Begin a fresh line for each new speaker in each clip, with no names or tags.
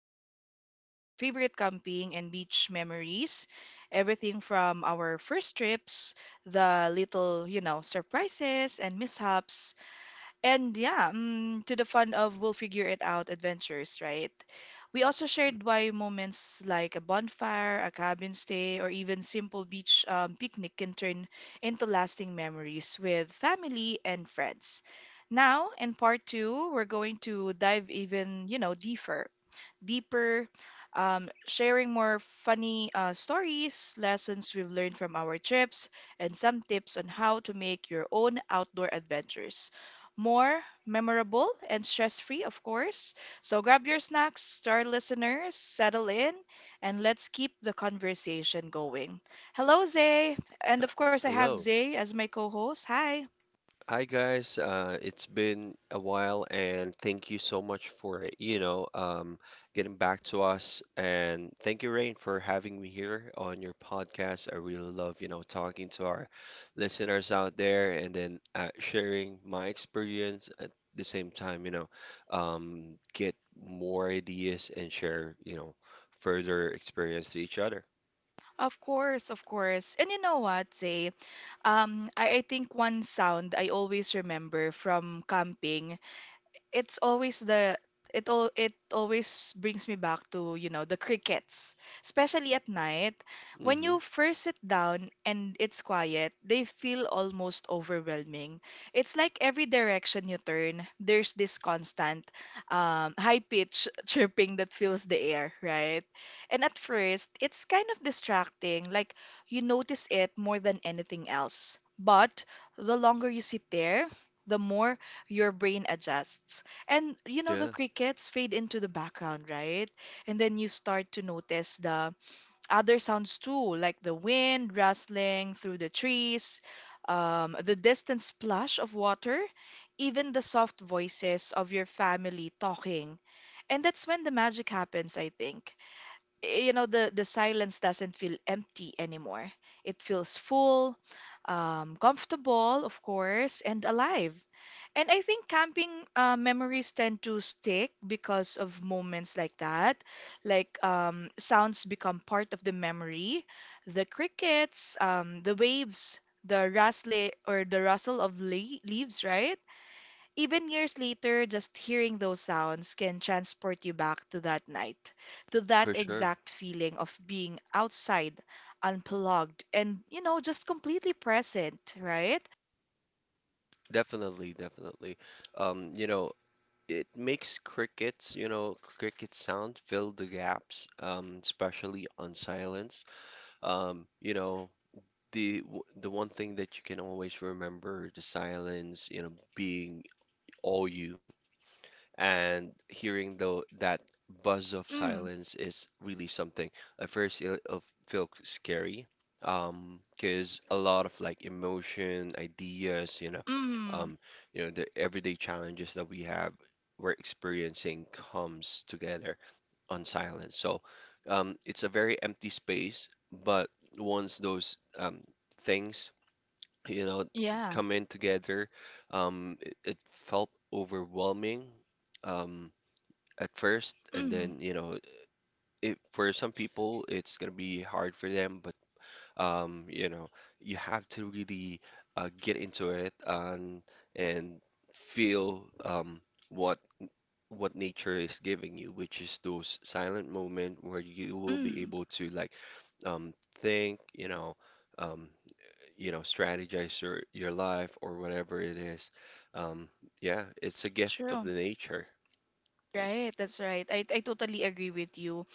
about our favorite camping and beach memories, everything from our first trips, the little surprises and mishaps and yeah, to the fun of we'll figure it out adventures, right? We also shared why moments like a bonfire, a cabin stay, or even simple beach picnic can turn into lasting memories with family and friends. Now, in part two, we're going to dive even deeper, sharing more funny stories, lessons we've learned from our trips, and some tips on how to make your own outdoor adventures more memorable and stress free, of course. So grab your snacks, to listeners, settle in, and let's keep the conversation going. Hello, Zay. And of course, I have
Hello.
Zay as my co host. Hi.
Hi guys. It's been a while and thank you so much for, you know, getting back to us, and thank you Rain for having me here on your podcast. I really love, you know, talking to our listeners out there, and then sharing my experience at the same time, you know, get more ideas and share, you know, further experience to each other.
Of course, of course. And you know what, Zay? I think one sound I always remember from camping it's always the it all it always brings me back to the crickets, especially at night. When
Mm-hmm.
you first sit down and it's quiet, they feel almost overwhelming. It's like every direction you turn, there's this constant high pitch chirping that fills the air, right? And at first, it's kind of distracting, like you notice it more than anything else. But the longer you sit there, the more your brain adjusts. And the
Yeah,
crickets fade into the background, right? And then you start to notice the other sounds too, like the wind rustling through the trees, the distant splash of water, even the soft voices of your family talking. And that's when the magic happens, I think. You know, the silence doesn't feel empty anymore. It feels full, comfortable, of course, and alive. And I think camping memories tend to stick because of moments like that. Like sounds become part of the memory. The crickets, the waves, the rustle or the rustle of le leaves, right? Even years later, just hearing those sounds can transport you back to that night, to that
for sure.
exact feeling of being outside, unplugged, and just completely present, right?
Definitely, definitely. You know, it makes crickets, you know, cricket sound fill the gaps, especially on silence. You know, the one thing that you can always remember, the silence, you know, being all you and hearing though that buzz of
Mm,
silence is really something. At first, it'll feel scary, because a lot of like emotion, ideas,
mm,
um, you know, the everyday challenges that we have, we're experiencing comes together on silence. So, it's a very empty space, but once those things, you know,
yeah.
come in together. It, it felt overwhelming um, at first, and
Mm,
then you know, it, for some people, it's gonna be hard for them. But you know, you have to really get into it and and feel what what nature is giving you, which is those silent moment where you will be
mm,
able to like um, think, you know. Um, you know, strategize your life or whatever it is. Um, yeah, it's a gift of the
true.
nature
Right, that's right. I totally agree with you.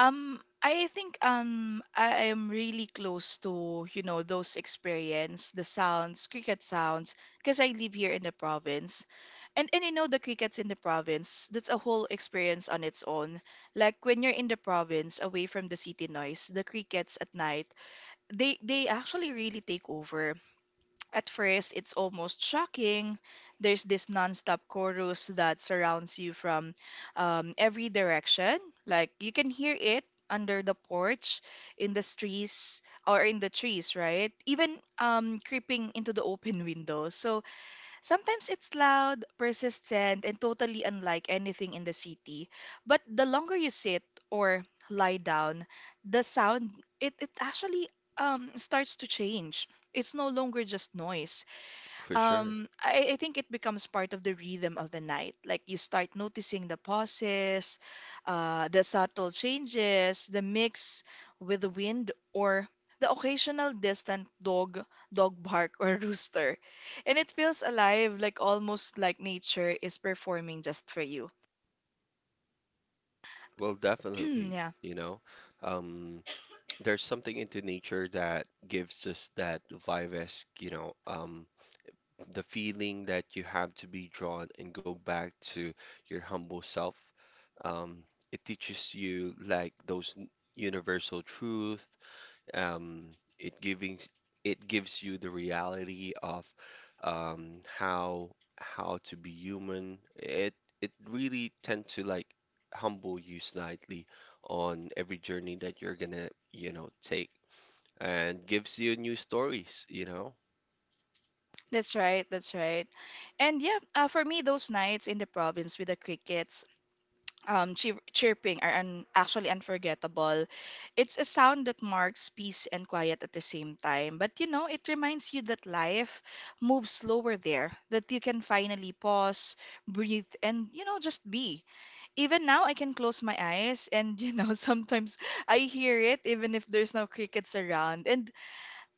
I think I am really close to those experience, the sounds, cricket sounds, because I live here in the province. And you know the crickets in the province, that's a whole experience on its own. Like when you're in the province, away from the city noise, the crickets at night, they actually really take over. At first, it's almost shocking. There's this nonstop chorus that surrounds you from every direction. Like you can hear it under the porch, in the trees, or in the trees, right? Even creeping into the open window. So, sometimes it's loud, persistent, and totally unlike anything in the city. But the longer you sit or lie down, the sound it actually starts to change. It's no longer just noise.
for sure.
I think it becomes part of the rhythm of the night. Like you start noticing the pauses, the subtle changes, the mix with the wind, or the occasional distant dog bark or rooster. And it feels alive, like almost like nature is performing just for you.
Well, definitely,
Yeah,
you know, um, there's something into nature that gives us that vivace, you know, the feeling that you have to be drawn and go back to your humble self. Um, it teaches you like universal truth. Um, it giving it gives you the reality of um, how how to be human. It really tend to like humble you slightly on every journey that you're gonna, you know, take, and gives you new stories, you know?
that's right, that's right. And yeah, for me, those nights in the province with the crickets chirping are actually unforgettable. It's a sound that marks peace and quiet at the same time. But it reminds you that life moves slower there, that you can finally pause, breathe, and just be. Even now, I can close my eyes, and sometimes I hear it, even if there's no crickets around. And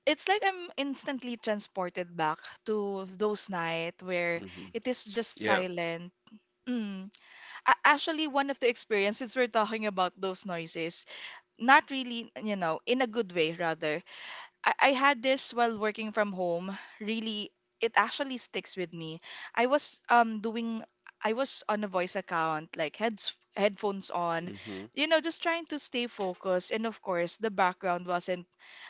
it's like I'm instantly transported back to those nights where
Hmm.
it is just
Yeah.
silent. Mm. Actually, one of the experiences we're talking about, those noises not really, in a good way, rather. I had this while working from home. Really, it actually sticks with me. I was um doing i was on a voice account, like heads headphones on.
Hmm.
Just trying to stay focused, and of course the background wasn't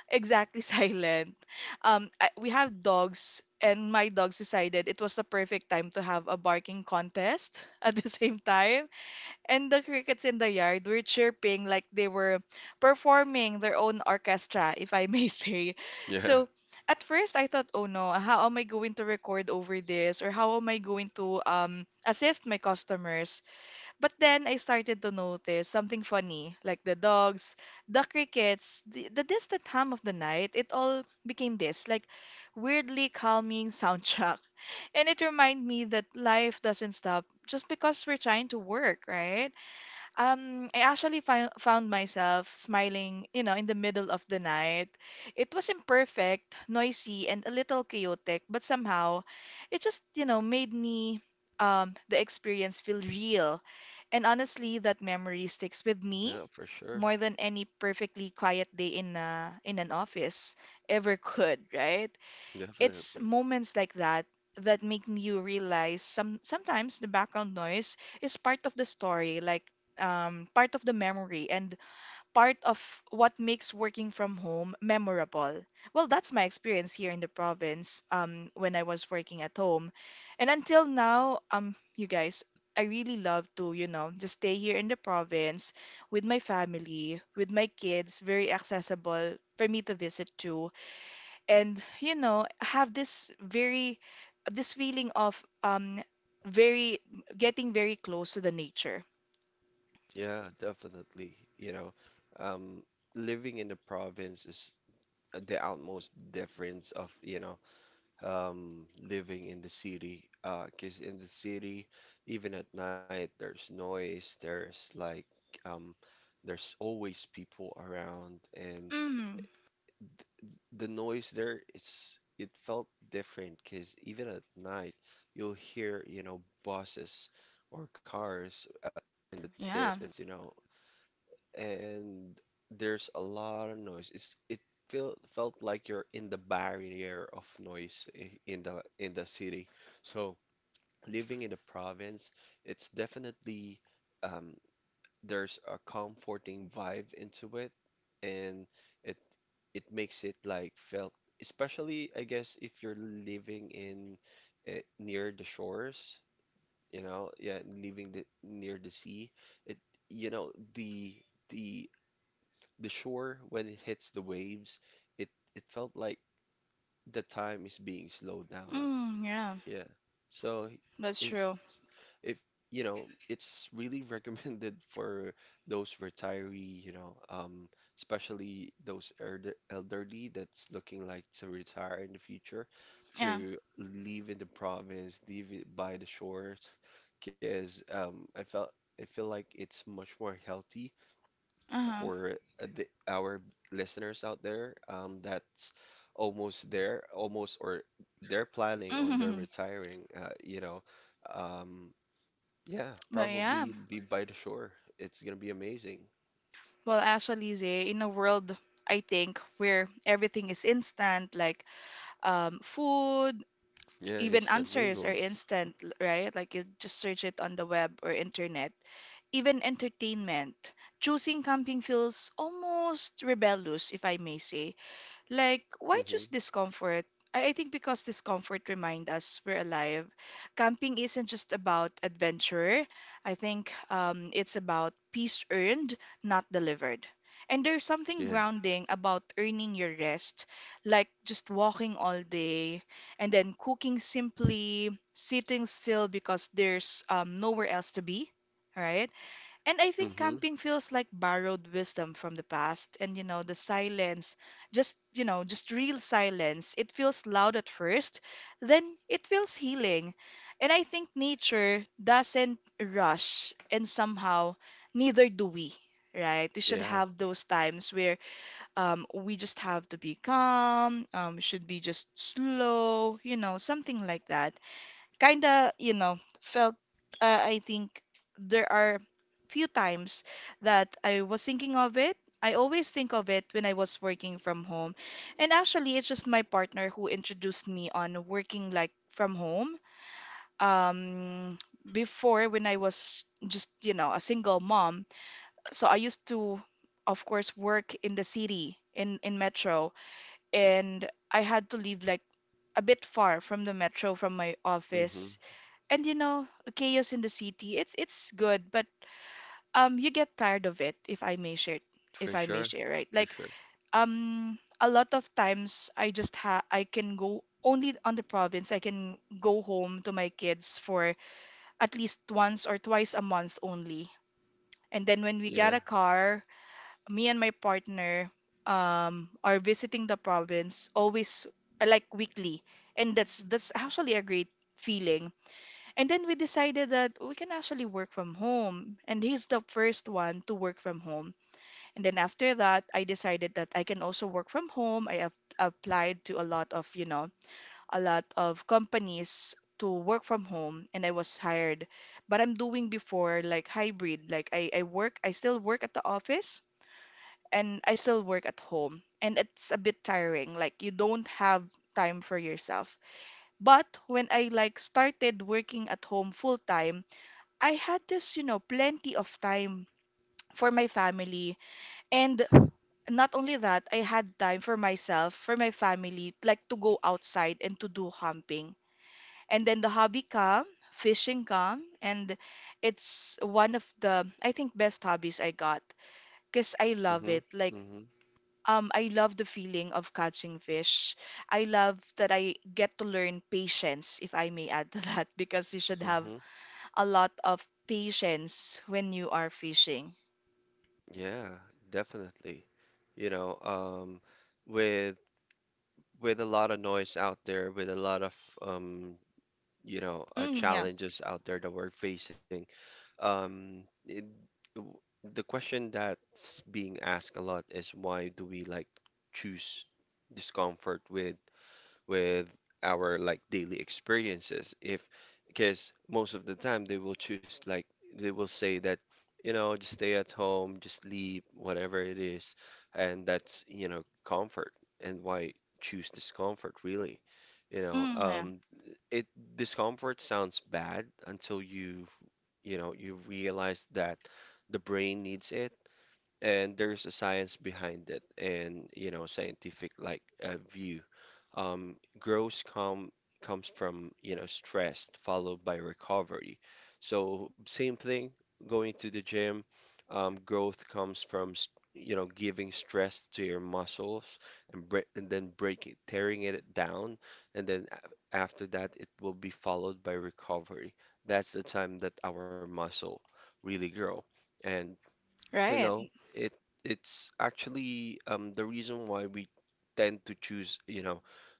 exactly silent. We have dogs and my dogs decided it was the perfect time to have a barking contest at the same time. And the crickets in the yard were chirping like they were performing their own orchestra, if I may say.
Yeah.
So at first I thought, oh no, how am I going to record over this? Or how am I going to assist my customers? But then I started to notice something funny, like the dogs, the crickets, the distant hum of the night. It all became this, like, weirdly calming soundtrack. And it reminded me that life doesn't stop just because we're trying to work, right? I actually found myself smiling, in the middle of the night. It was imperfect, noisy, and a little chaotic, but somehow it just, you know, made me the experience feel real. And honestly, that memory sticks with me
Yeah, for sure.
more than any perfectly quiet day in an office ever could, right? It's
Definitely.
moments like that that make you realize sometimes the background noise is part of the story, like part of the memory and part of what makes working from home memorable. Well, that's my experience here in the province when I was working at home. And until now, you guys, I really love to just stay here in the province with my family, with my kids, very accessible for me to visit too, and have this very, this feeling of very getting very close to the nature.
Yeah, definitely. You know, um, living in the province is the utmost difference of you know living in the city. Because in the city, even at night, there's noise. There's like um, there's always people around, and
Mm,
the noise there it's it felt different. Because even at night, you'll hear you know buses or cars in the
yeah.
distance. You know, and there's a lot of noise. It's it feel, felt like you're in the barrier of noise in the in the city. So living in the province, it's definitely um, there's a comforting vibe into it, and it it makes it like felt, especially I guess if you're living in near the shores, you know, yeah, living the, near the sea, it you know the the shore, when it hits the waves, it it felt like the time is being slowed down.
Mm, yeah.
Yeah. So
That's
it's
true.
if you know, it's really recommended for those retiree, you know, especially those elderly that's looking like to retire in the future,
Yeah.
to live in the province, live it by the shores, because I feel like it's much more healthy
Uh-huh.
for our listeners out there that's almost there, almost or they're planning on their
Hmm.
retiring, you know, um, yeah,
But
probably
yeah.
live by the shore. It's gonna be amazing.
Well, actually, Zay, in a world, I think, where everything is instant, like food,
Yeah,
even
instant
answers are
noodles.
instant, right? Like you just search it on the web or internet. Even entertainment. Choosing camping feels almost rebellious, if I may say. Like, why choose
Mm-hmm.
discomfort? I think because discomfort reminds us we're alive. Camping isn't just about adventure. I think it's about peace earned, not delivered. And there's something
Yeah.
grounding about earning your rest, like just walking all day and then cooking simply, sitting still because there's nowhere else to be, right? And I think
Mm-hmm.
camping feels like borrowed wisdom from the past. And the silence, just real silence. It feels loud at first, then it feels healing. And I think nature doesn't rush, and somehow neither do we, right? We should
Yeah.
have those times where we just have to be calm, should be just slow, something like that kind of, felt, I think there are few times that I was thinking of it. I always think of it when I was working from home. And actually, it's just my partner who introduced me on working like from home. Um, Before, when I was just, a single mom. So I used to, of course, work in the city, in metro, and I had to live like a bit far from the metro from my
Mm-hmm.
office. And you know Chaos in the city, it's good, but you get tired of it, if i may share if
For
i may
sure.
share right?
For
Like,
sure.
a lot of times I just ha I can go only on the province. I can go home to my kids for at least once or twice a month only. And then when we
Yeah.
get a car, me and my partner are visiting the province always, like weekly. And that's actually a great feeling. And then we decided that we can actually work from home. And he's the first one to work from home. And then after that, I decided that I can also work from home. I have applied to a lot of companies to work from home and I was hired. But I'm doing before like hybrid. Like I still work at the office and I still work at home. And it's a bit tiring. Like you don't have time for yourself. But when I like started working at home full time, I had this, plenty of time for my family. And not only that, I had time for myself, for my family, like to go outside and to do camping. And then the hobby come, fishing come, and it's one of the, I think, best hobbies I got because I love
Mm-hmm.
it. Like, I love the feeling of catching fish. I love that I get to learn patience, if I may add to that, because you should
Mm-hmm.
have
Mm-hmm.
a lot of patience when you are fishing.
Yeah, definitely. You know, with with a lot of noise out there, with a lot of um, you know,
Mm, yeah.
challenges out there that we're facing, it, w- the question that's being asked a lot is why do we like choose discomfort with our like daily experiences if because most of the time they will choose like they will say that you know just stay at home, just sleep, whatever it is, and that's you know comfort, and why choose discomfort really, you know
Mm, yeah.
um, it discomfort sounds bad until you know you realize that the brain needs it, and there's a science behind it, and you know scientific like view, growth come comes from you know stress followed by recovery. So same thing, going to the gym, growth comes from s- you know giving stress to your muscles, and then breaking tearing it down, and then after that it will be followed by recovery. That's the time that our muscle really grow. And you
Right.
know, it's actually the reason why we tend to choose, you know,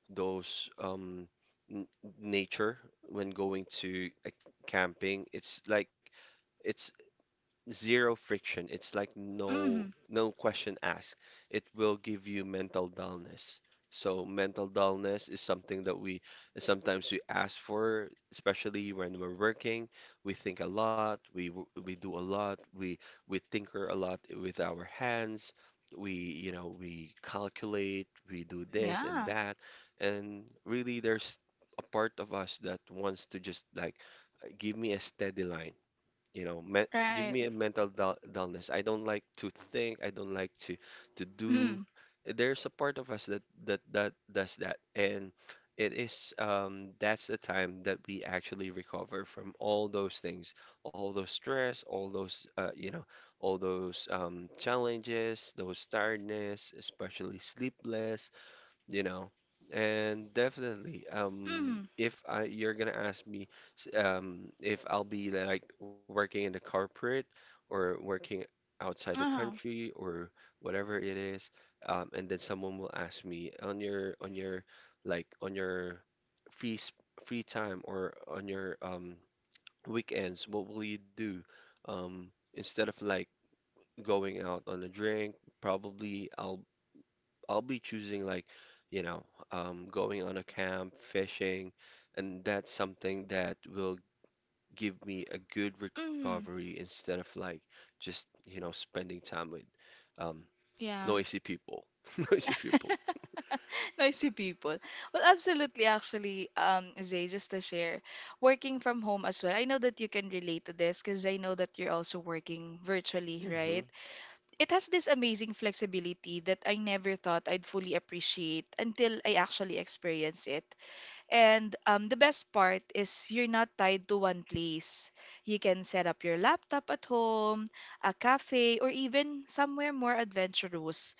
those n nature when going to camping. It's like it's zero friction. It's like
Mm,
no question asked. It will give you mental dullness. So mental dullness is something that we sometimes we ask for, especially when we're working. We think a lot, we do a lot, we tinker a lot with our hands. We, you know, we calculate, we do this and
yeah.
that, and really there's a part of us that wants to just like give me a steady line, you know, me, give me
Right.
a mental dullness, I don't like to think, I don't like to do.
Mm,
There's a part of us that that does that, and it is that's the time that we actually recover from all those things, all those stress, all those you know, all those challenges, those tiredness, especially sleepless, you know. And definitely,
mm,
if I you're gonna ask me, if I'll be like working in the corporate or working outside the
uh-huh.
country or whatever it is, and then someone will ask me on your like on your free s- free time or on your weekends, what will you do? Instead of like going out on a drink, probably I'll be choosing like, you know, going on a camp, fishing, and that's something that will give me a good
Mm,
recovery instead of like just, you know, spending time with um,
yeah.
noisy people. Noisy people.
Noisy people. Well, absolutely, actually, Zay, just to share, working from home as well. I know that you can relate to this because I know that you're also working virtually,
Hmm.
right? It has this amazing flexibility that I never thought I'd fully appreciate until I actually experienced it. And the best part is you're not tied to one place. You can set up your laptop at home, a cafe, or even somewhere more adventurous.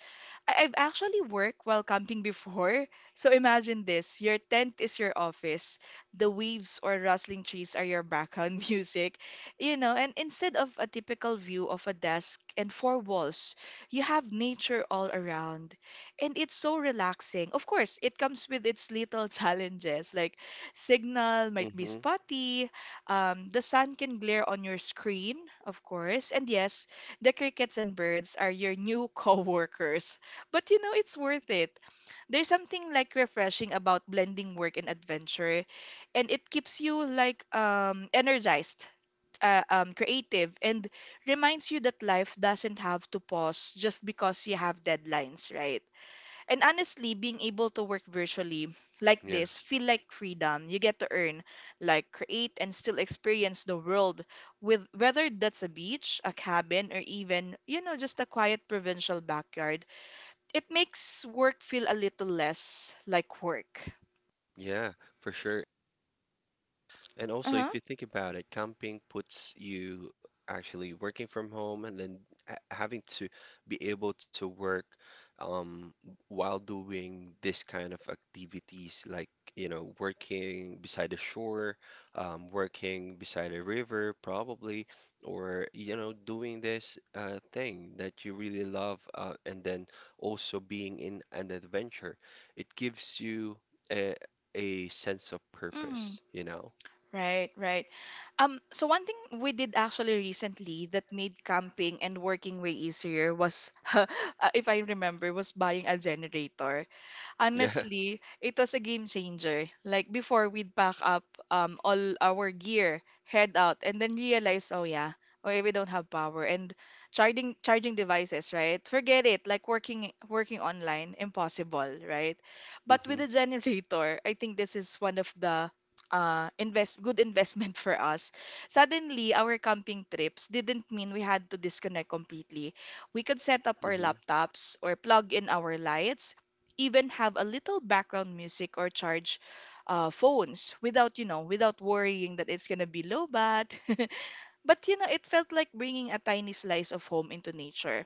I've actually worked while camping before. So imagine this, your tent is your office. The waves or rustling trees are your background music. You know, and instead of a typical view of a desk and four walls, you have nature all around. And it's so relaxing. Of course, it comes with its little challenges, like signal might be
Hmm.
spotty, the sun can glare on your screen, of course, and yes, the crickets and birds are your new coworkers. But you know, it's worth it. There's something like refreshing about blending work and adventure, and it keeps you like energized, creative, and reminds you that life doesn't have to pause just because you have deadlines, right? And honestly, being able to work virtually like
Yeah.
this feel like freedom. You get to earn, like create and still experience the world with whether that's a beach, a cabin, or even, you know, just a quiet provincial backyard it makes work feel a little less like work.
Yeah, for sure. And also,
Uh-huh.
if you think about it, camping puts you actually working from home, and then having to be able to work um, while doing this kind of activities, like, you know, working beside the shore, working beside a river, probably, or, you know, doing this thing that you really love, and then also being in an adventure. It gives you a, a sense of purpose,
Mm.
you know?
Right, right. So one thing we did actually recently that made camping and working way easier was, if I remember, was buying a generator.
Yeah.
Honestly, it was a game changer. Like before, we'd pack up all our gear, head out, and then realize, oh yeah, okay, we don't have power and charging devices, right? Forget it. Like working online, impossible, right? But with
Mm-hmm.
a generator, I think this is one of the invest good investment for us. Suddenly, our camping trips didn't mean we had to disconnect completely, we could set up our
Mm-hmm.
laptops or plug in our lights, even have a little background music or charge phones without, you know, without worrying that it's going to be low bat. But, you know, it felt like bringing a tiny slice of home into nature.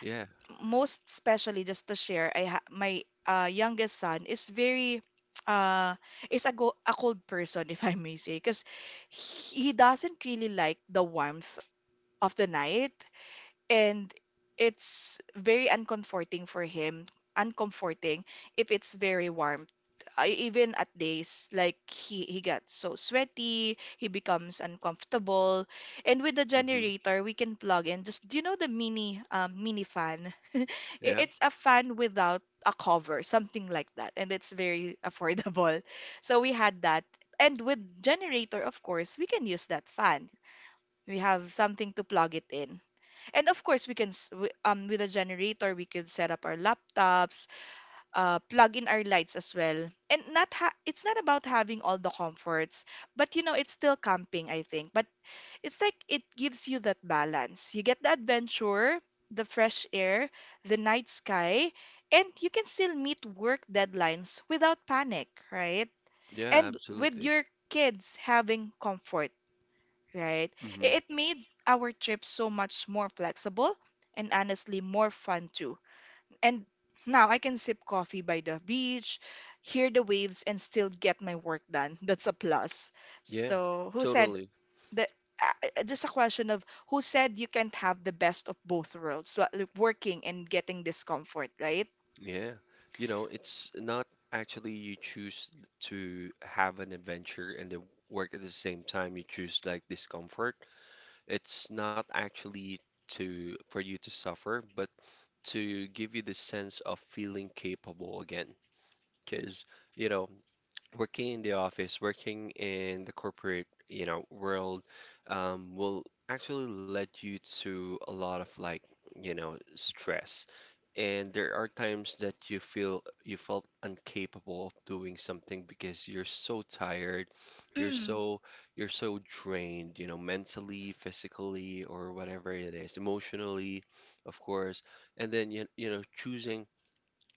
Yeah.
Most especially, just to share, my youngest son is very. Uh, is a, a cold person if I may say because he doesn't really like the warmth of the night and it's very uncomforting for him, uncomforting if it's very warm. I, even at days like he got so sweaty he becomes uncomfortable, and with the
Mm-hmm.
generator we can plug in, just do you know the mini mini fan.
Yeah.
It's a fan without a cover, something like that, and it's very affordable. So we had that, and with generator of course we can use that fan, we have something to plug it in. And of course, we can s- w- with a generator we could set up our laptops, plug in our lights as well. And not ha- it's not about having all the comforts, but you know it's still camping, I think. But it's like it gives you that balance. You get the adventure, the fresh air, the night sky, and you can still meet work deadlines without panic, right?
Yeah,
And with
absolutely.
your kids having comfort, right?
Mm-hmm.
It made our trip so much more flexible and honestly more fun too. And now I can sip coffee by the beach, hear the waves, and still get my work done. That's a plus.
Yeah,
So, who said
totally.
that? Just a question of who said you can't have the best of both worlds, so, like working and getting discomfort, right?
Yeah. You know, it's not actually you choose to have an adventure and then work at the same time you choose like discomfort. It's not actually to for you to suffer, but to give you the sense of feeling capable again. Because, you know, working in the office, working in the corporate, you know, world, will actually lead you to a lot of like, you know, stress. And there are times that you felt incapable of doing something because you're so tired, you're
Mm,
so you're so drained, you know, mentally, physically, or whatever it is, emotionally, of course. And then you know, choosing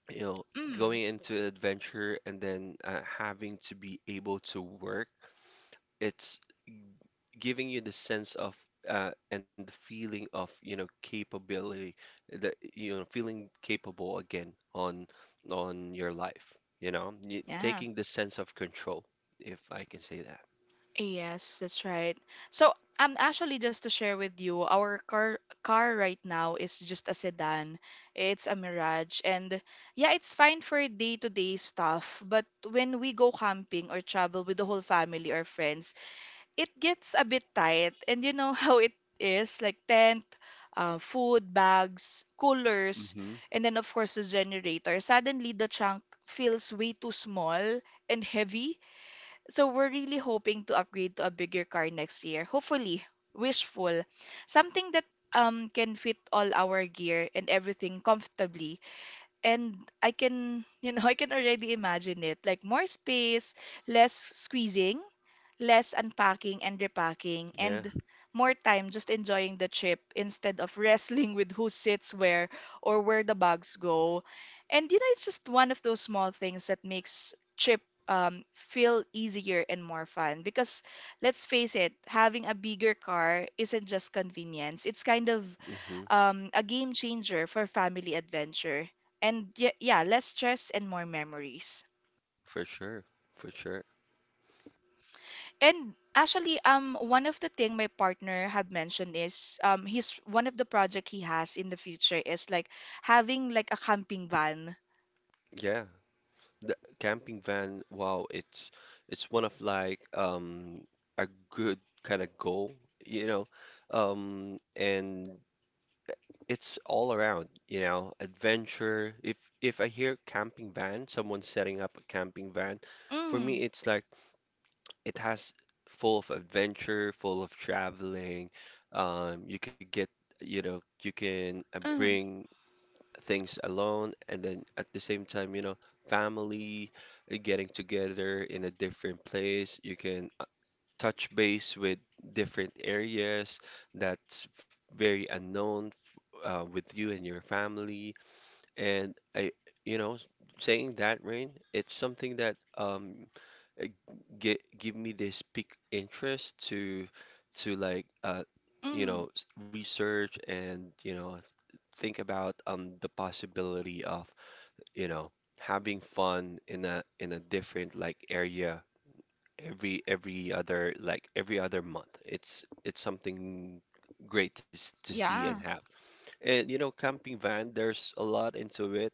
you know,
mm,
going into an adventure and then having to be able to work, it's giving you the sense of and the feeling of, you know, capability, that you know, feeling capable again on your life, you know,
yeah.
taking the sense of control, if I can say that.
Yes, that's right. So, actually, just to share with you, our car right now is just a sedan. It's a Mirage, and yeah, it's fine for day-to-day stuff. But when we go camping or travel with the whole family or friends, it gets a bit tight. And you know how it is, like tent, food, bags, coolers,
Hmm.
and then of course the generator. Suddenly, the trunk feels way too small and heavy, so we're really hoping to upgrade to a bigger car next year. Hopefully, wishful. Something that can fit all our gear and everything comfortably. And I can, you know, I can already imagine it. Like more space, less squeezing, less unpacking and repacking
Yeah.
and more time just enjoying the trip instead of wrestling with who sits where or where the bags go. And you know, it's just one of those small things that makes trip feel easier and more fun, because let's face it, having a bigger car isn't just convenience. It's kind of
Hmm.
a game changer for family adventure. And yeah, yeah, less stress and more memories.
For sure. For sure.
And actually, one of the thing my partner had mentioned is he's one of the project he has in the future is like having like a camping van.
Yeah. The camping van, wow, it's one of like a good kind of goal, you know. Um, and it's all around, you know, adventure. If I hear camping van, someone setting up a camping van, for
Mm,
me it's like it has full of adventure, full of traveling. Um, you could get, you know, you can
mm,
bring things alone, and then at the same time you know family getting together in a different place. You can touch base with different areas that's very unknown with you and your family, and I, you know, saying that, Rain, it's something that uh, get give me this peak interest to like you
mm,
know research, and you know think about the possibility of you know having fun in a different like area every other like every other month. It's something great to to see and
yeah.
have. And you know, camping van, there's a lot into it.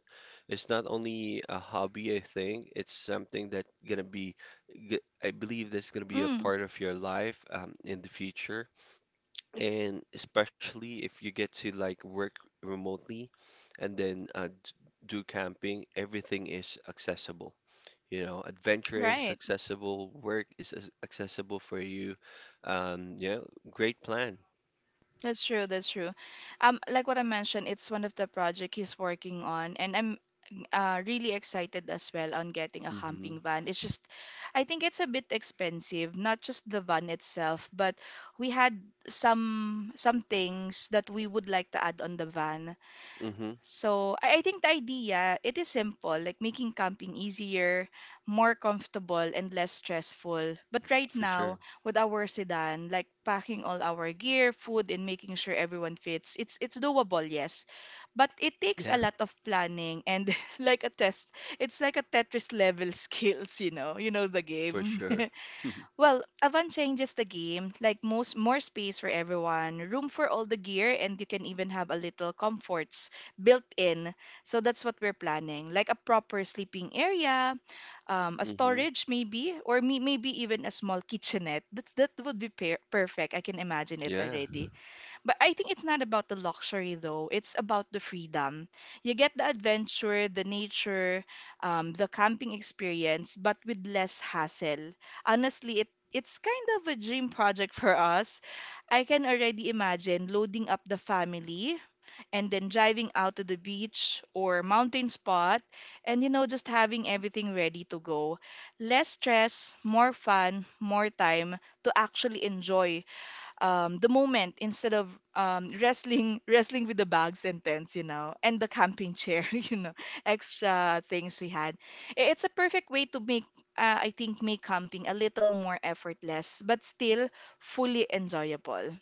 It's not only a hobby, I think. It's something that gonna be, I believe that's gonna be a
Mm,
part of your life in the future. And especially if you get to like work remotely, and then do camping, everything is accessible. You know, adventure is
right.
accessible, work is accessible for you. Um, yeah, Great plan.
That's true. That's true. Like what I mentioned, it's one of the project he's working on, and I'm really excited as well on getting a
hmm
camping van. It's just, I think it's a bit expensive, not just the van itself, but we had some things that we would like to add on the van.
hmm
So I think the idea, it is simple, like making camping easier, more comfortable, and less stressful. But right
For sure.
now, with our sedan, like packing all our gear, food, and making sure everyone fits, it's doable, yes. But it takes
Yeah,
a lot of planning and like a test. It's like a Tetris level skills, you know. You know the
for
game.
sure.
Well, Avant changes the game, like most more space for everyone, room for all the gear, and you can even have a little comforts built in. So that's what we're planning, like a proper sleeping area, a
hmm
storage maybe, or maybe even a small kitchenette. That would be perfect. I can imagine it
Yeah,
already. But I think it's not about the luxury though. It's about the freedom. You get the adventure, the nature, the camping experience, but with less hassle. Honestly, it it's kind of a dream project for us. I can already imagine loading up the family and then driving out to the beach or mountain spot and you know just having everything ready to go. Less stress, more fun, more time to actually enjoy the moment instead of wrestling wrestling with the bags and tents, you know, and the camping chair, you know, extra things we had. It's a perfect way to make I think make camping a little more effortless, but still fully enjoyable.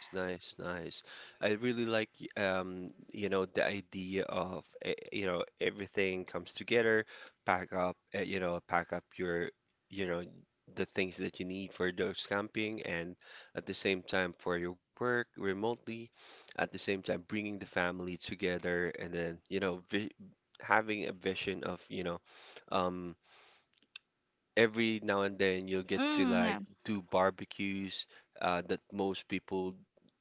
it's nice, nice. I really like the idea of everything comes together, pack up, pack up you know, the things that you need for those camping, and at the same time for your work remotely, at the same time bringing the family together, and then, you know, vi having a vision of, you know, um, every now and then you'll get to
Mm, yeah.
like do barbecues that most people,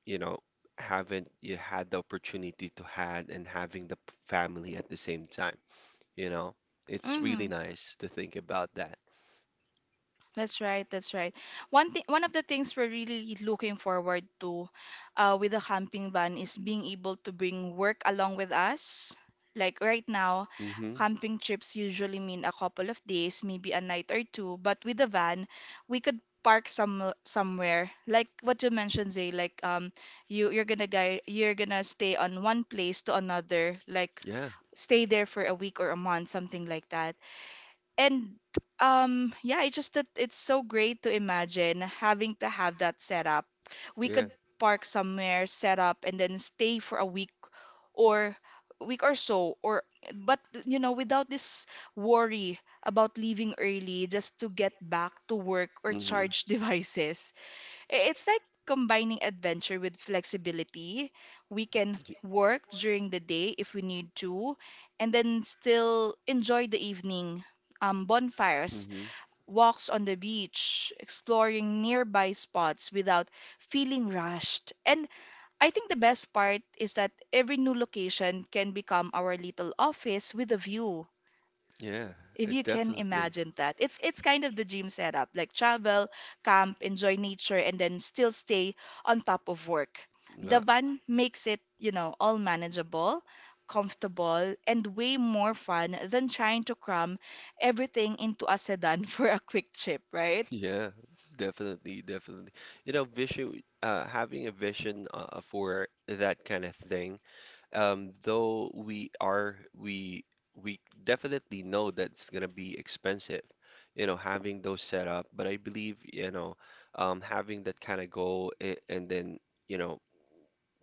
you know, haven't you had the opportunity to had, and having the family at the same time, you know. It's
Mm-hmm.
really nice to think about that.
That's right. That's right. One thing, one of the things we're really looking forward to, with the camping van is being able to bring work along with us. Like right now,
Mm-hmm.
camping trips usually mean a couple of days, maybe a night or two. But with the van, we could park somewhere. Like what you mentioned, Zay. Like you're gonna stay on one place to another. Like
Yeah.
stay there for a week or a month, something like that. And yeah, it's just that it's so great to imagine having to have that set up. We
Yeah.
could park somewhere, set up, and then stay for a week or week or so or, but you know, without this worry about leaving early just to get back to work or
Mm-hmm.
charge devices. It's like combining adventure with flexibility. We can work during the day if we need to, and then still enjoy the evening. Bonfires,
Mm-hmm.
walks on the beach, exploring nearby spots without feeling rushed. And I think the best part is that every new location can become our little office with a view.
Yeah,
If you can
definitely.
imagine that, it's kind of the dream setup, like travel, camp, enjoy nature, and then still stay on top of work.
Yeah,
The van makes it, you know, all manageable, comfortable, and way more fun than trying to cram everything into a sedan for a quick trip, right?
yeah, definitely, definitely. You know, vision, having a vision for that kind of thing, though we are we definitely know that's gonna be expensive, you know, having those set up. But I believe, you know, having that kind of goal, and then, you know,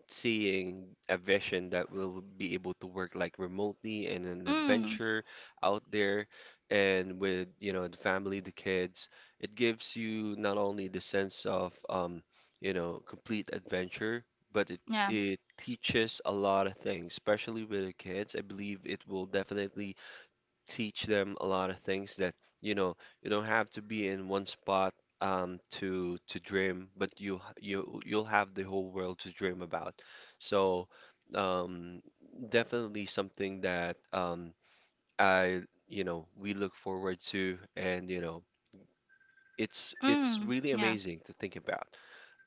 seeing a vision that will be able to work like remotely and an
Mm,
adventure out there, and with, you know, the family, the kids, it gives you not only the sense of you know, complete adventure, but it
yeah.
it teaches a lot of things, especially with the kids. I believe it will definitely teach them a lot of things that, you know, you don't have to be in one spot to dream, but you you'll have the whole world to dream about. So, um, definitely something that I, you know, we look forward to, and you know, it's
Mm,
really
yeah.
amazing to think about.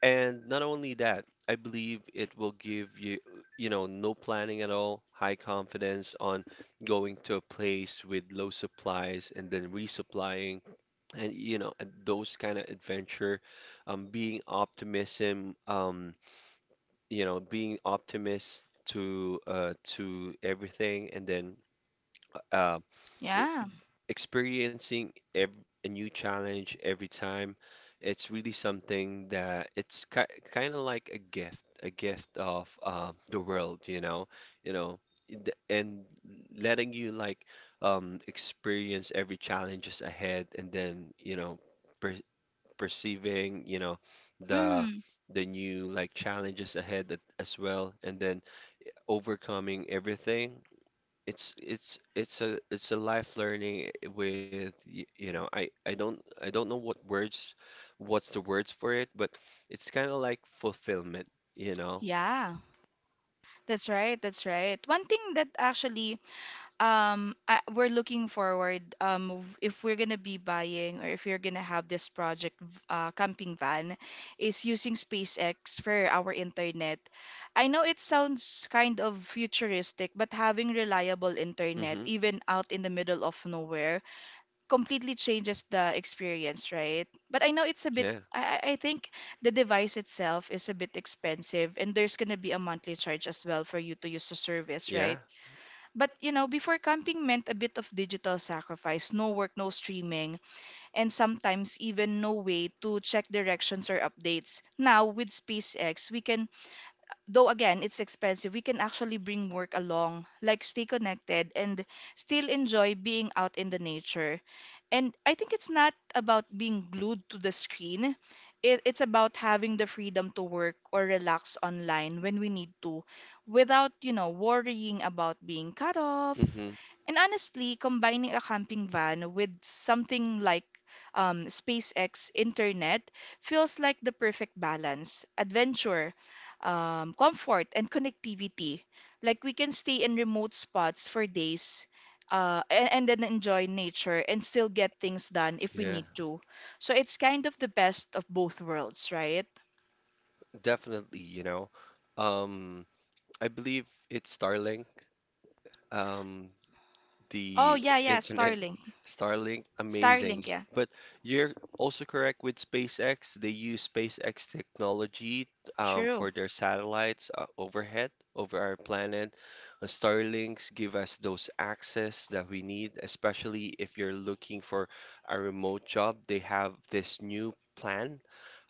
And not only that, I believe it will give you, you know, no planning at all, high confidence on going to a place with low supplies and then resupplying, and you know, and those kind of adventure, being optimism, you know, being optimist to everything, and then uh
Yeah.
experiencing a new challenge every time. It's really something that it's ki kind of like a gift of the world, you know, and letting you like experience every challenges ahead, and then you know, per perceiving, you know, the
Mm,
the new like challenges ahead, that, as well, and then overcoming everything. It's a life learning with you know, I don't know what words, what's the words for it, but it's kind of like fulfillment, you know.
yeah. That's right. That's right. One thing that actually I, we're looking forward. If we're gonna be buying or if you're gonna have this project, camping van, is using SpaceX for our internet. I know it sounds kind of futuristic, but having reliable internet,
hmm
even out in the middle of nowhere, completely changes the experience, right? But I know it's a bit.
yeah
I think the device itself is a bit expensive, and there's gonna be a monthly charge as well for you to use the service,
yeah
right? But you know, before camping meant a bit of digital sacrifice, no work, no streaming, and sometimes even no way to check directions or updates. Now with SpaceX, we can, though again it's expensive, we can actually bring work along, like stay connected and still enjoy being out in the nature. And I think it's not about being glued to the screen. It's about having the freedom to work or relax online when we need to without, worrying about being cut off.
hmm
And honestly, combining a camping van with something like SpaceX internet feels like the perfect balance, adventure, comfort, and connectivity. Like we can stay in remote spots for days and then enjoy nature and still get things done if we
yeah,
need to. So it's kind of the best of both worlds, right?
definitely, you know, um I believe it's Starlink, um
Oh
the
yeah, yeah,
internet,
Starlink.
Starlink,
Starlink,
amazing.
yeah.
But you're also correct with SpaceX. They use SpaceX technology
True.
for their satellites, overhead over our planet. Starlinks give us those access that we need, especially if you're looking for a remote job. They have this new plan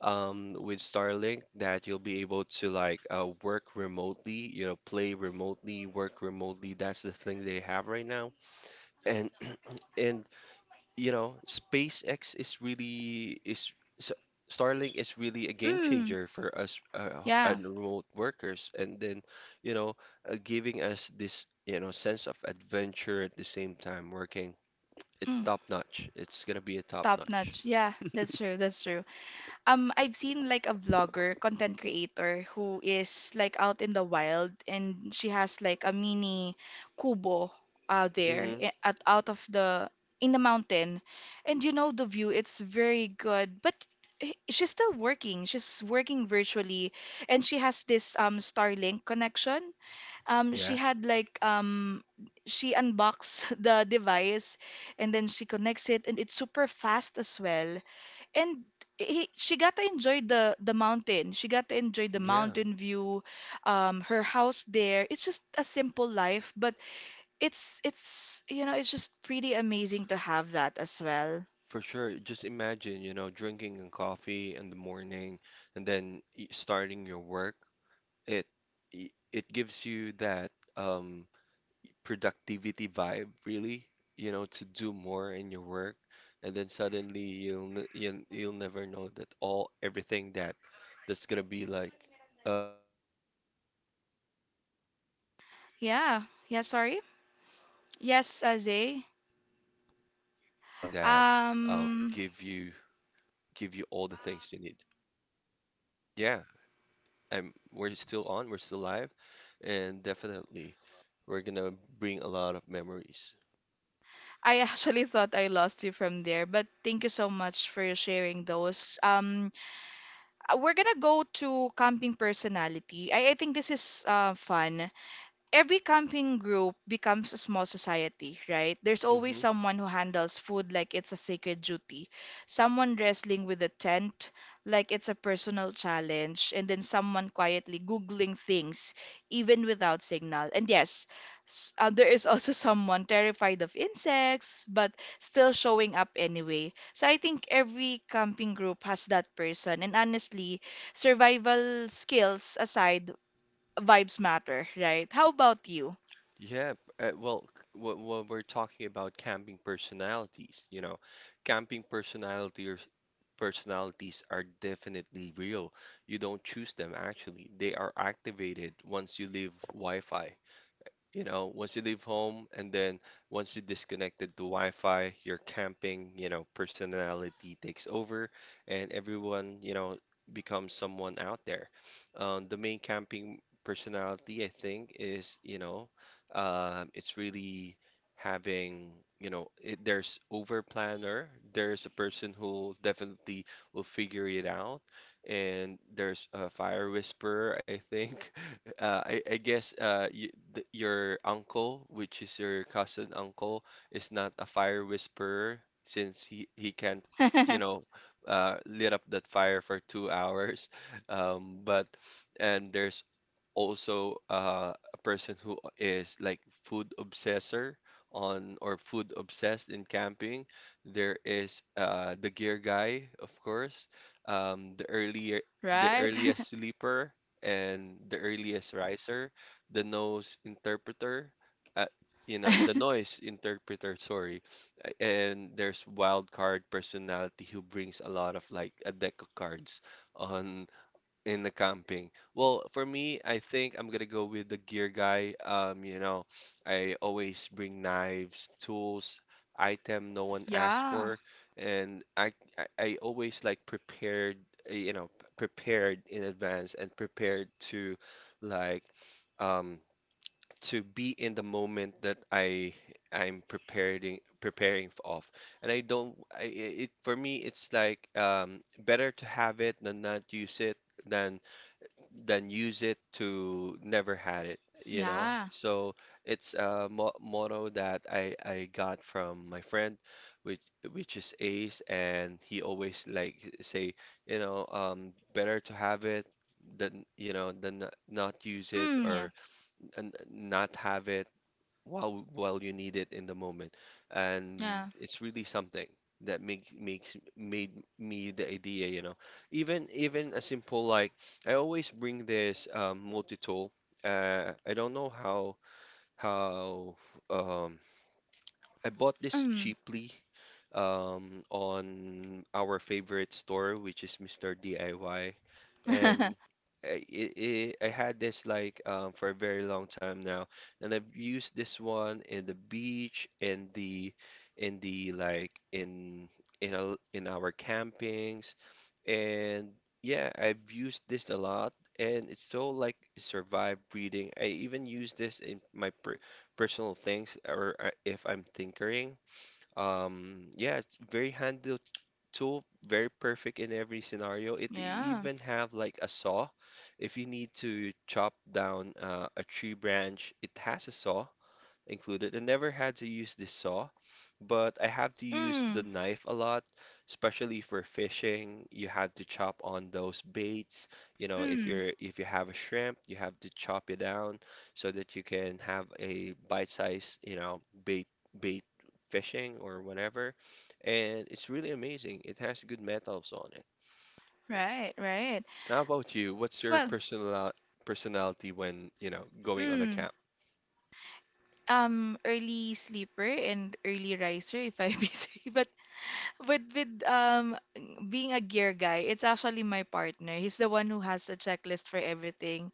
with Starlink that you'll be able to like work remotely, you know, play remotely, work remotely. That's the thing they have right now. And and you know, SpaceX is really is s- Starlink is really a game
Mm,
changer for us,
yeah.
and remote workers. And then, you know, giving us this, you know, sense of adventure at the same time working. It
Mm,
top notch. It's gonna be a top
top
notch.
notch. Yeah, that's true, that's true. I've seen like a vlogger, content creator who is like out in the wild and she has like a mini kubo out there
hmm
at out of the in the mountain. And you know the view, it's very good, but she's still working. She's working virtually and she has this Starlink connection. She
Yeah.
had like She unboxed the device and then she connects it and it's super fast as well and she got to enjoy the mountain. She got to enjoy the
Yeah,
mountain view, her house there. It's just a simple life, but it's you know it's just pretty amazing to have that as well.
for sure. Just imagine, you know, drinking a coffee in the morning, and then starting your work. It it gives you that um productivity vibe, really, you know, to do more in your work, and then suddenly you'll never know that all everything that that's gonna be like um the everything that you're going to do is
Yeah,
really
yeah.
something
Sorry.
that um
Yes,
give
Azay.
you, give you all the things you need.
Um,
Yeah, I'm we're still on, we're still live, and definitely we're gonna bring a lot of memories.
I actually thought I lost you from there, but thank you so much for sharing those. We're gonna go to camping personality. I think this is fun. Every camping group becomes a small society, right? There's always
hmm
someone who handles food like it's a sacred duty, someone wrestling with a tent like it's a personal challenge, and then someone quietly Googling things, even without signal. And yes, there is also someone terrified of insects, but still showing up anyway. So I think every camping group has that person. And honestly, survival skills aside, vibes matter, right? How about you?
Yeah, when we're talking about camping personalities, you know, camping personalities are definitely real. You don't choose them actually. They are activated once you leave Wi-Fi. You know, once you leave home, and then once you disconnected to Wi-Fi, your camping, you know, personality takes over, and everyone, you know, becomes someone out there. The main camping personality, I think, is, you know, it's really having, you know, it, there's over planner, there's a person who definitely will figure it out, and there's a fire whisperer, I think. I guess you, th your uncle, which is your cousin uncle, is not a fire whisperer, since he can't, you know, lit up that fire for 2 hours. But And there's also a person who is like food obsessor on, or food obsessed in camping. There is the gear guy, of course, um, the earlier the
Right?
earliest sleeper and the earliest riser, the nose interpreter, uh, you know, the noise interpreter, sorry. And there's wild card personality who brings a lot of like a deck of cards on in the camping. Well, for me, I think I'm gonna go with the gear guy. You know, I always bring knives, tools, item no one asked
Yeah.
for, and I always like prepared, you know, prepared in advance and prepared to like um to be in the moment that I I'm preparing, and I don't. It for me, it's like better to have it than not use it, than than use it to never had it. You know,
Yeah.
so it's a mo motto that I got from my friend, which which is Ace, and he always like say, you know, better to have it, than you know, than not, not use it,
Mm, yeah.
or and not have it while you need it in the moment. And
Yeah.
it's really something that makes makes made me the idea, you know. Even a simple like, I always bring this multi-tool. I don't know how um, I bought this
Mm.
cheaply on our favorite store, which is Mr. DIY. And I had this like for a very long time now, and I've used this one in the beach, in the in the like in in our campings, and yeah, I've used this a lot, and it's so like survive reading. I even use this in my personal things, or if I'm tinkering. Yeah, it's very handy tool, very perfect in every scenario. It
Yeah.
even have like a saw. If you need to chop down a tree branch, it has a saw included. I never had to use the saw, but I have to use the
Mm.
knife a lot, especially for fishing. You have to chop on those baits. You know, if
Mm.
you're, if you have a shrimp, you have to chop it down so that you can have a bite-sized, you know, bait fishing or whatever. And it's really amazing. It has good metals on it.
Right, right.
How about you? What's your
Well,
personality when, you know, going on a
mm,
camp?
early sleeper and early riser, if I may say. But with being a gear guy, it's actually my partner. He's the one who has a checklist for everything.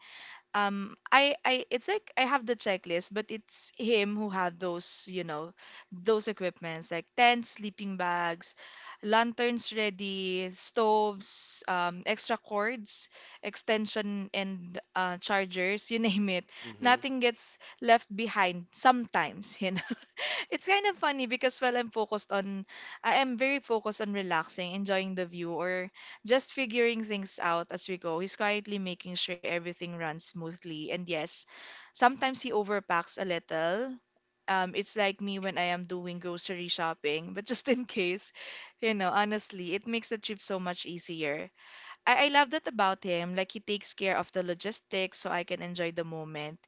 I It's like I have the checklist, but it's him who had those, you know, those equipments like tents, sleeping bags, lanterns, ready stoves, extra cords, extension, and chargers, you name it,
hmm
nothing gets left behind sometimes, you know. It's kind of funny because while I am very focused on relaxing, enjoying the view, or just figuring things out as we go. He's quietly making sure everything runs smoothly. And yes, sometimes he overpacks a little. It's like me when I am doing grocery shopping, but just in case, you know, honestly, it makes the trip so much easier. I love that about him. Like he takes care of the logistics so I can enjoy the moment.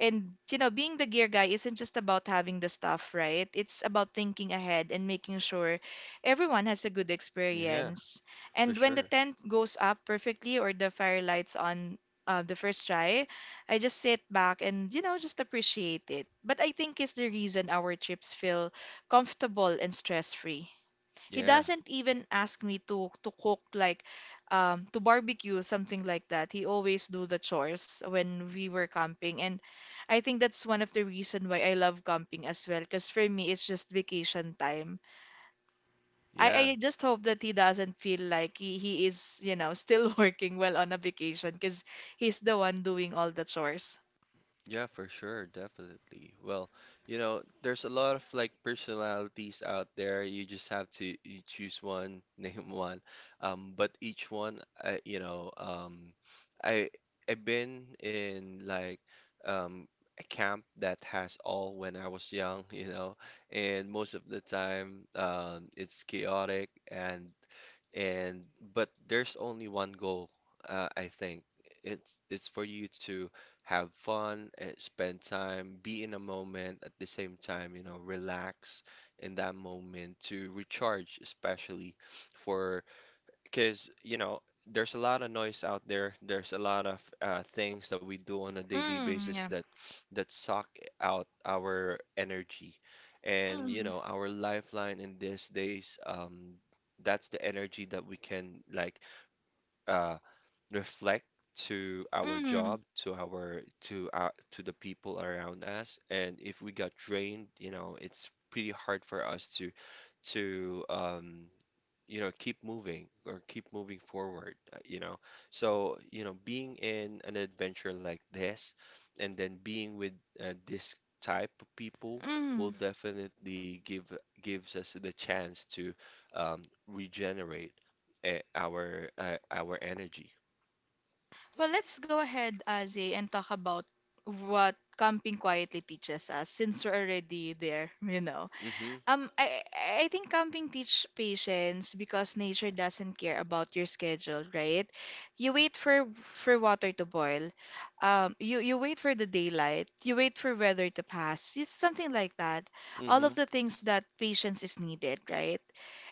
And you know, being the gear guy isn't just about having the stuff, right? It's about thinking ahead and making sure everyone has a good
Yeah,
experience.
for
And when the
sure.
tent goes up perfectly or the fire lights on the first try, I just sit back and you know just appreciate it. But I think it's the reason our trips feel comfortable and stress-free. He
Yeah,
doesn't even ask me to cook, like to barbecue something like that. He always do the chores when we were camping, and I think that's one of the reason why I love camping as well, because for me it's just vacation time. I
Yeah.
I just hope that he doesn't feel like he is, you know, still working while on a vacation because he's the one doing all the chores.
Yeah, for sure, definitely. Well, you know, there's a lot of like personalities out there. You just have to you choose one, name one. But each one, I, you know, I I've been in like um a camp that has all when I was young, you know, and most of the time, it's chaotic and and but there's only one goal, I think. It's for you to have fun, spend time, be in a moment, at the same time, you know, relax in that moment to recharge, especially for, because you know, there's a lot of noise out there, there's a lot of things that we do on a daily
Mm,
basis
yeah.
that suck out our energy, and you
Mm,
know, our lifeline in these days, that's the energy that we can like uh reflect to our
mm,
job, to our to our to the people around us. And if we got drained, you know, it's pretty hard for us to to um you know, keep moving, or keep moving forward, you know, so you know, being in an adventure like this, and then being with this type of people will
mm.
definitely gives us the chance to um, regenerate our energy.
Well, let's go ahead, Azzy, and talk about what camping quietly teaches us since we're already there, you know.
mm-hmm
I think camping teach patience because nature doesn't care about your schedule, right? You wait for water to boil. You wait for the daylight. You wait for weather to pass. It's something like that. All
mm-hmm
of the things that patience is needed, right?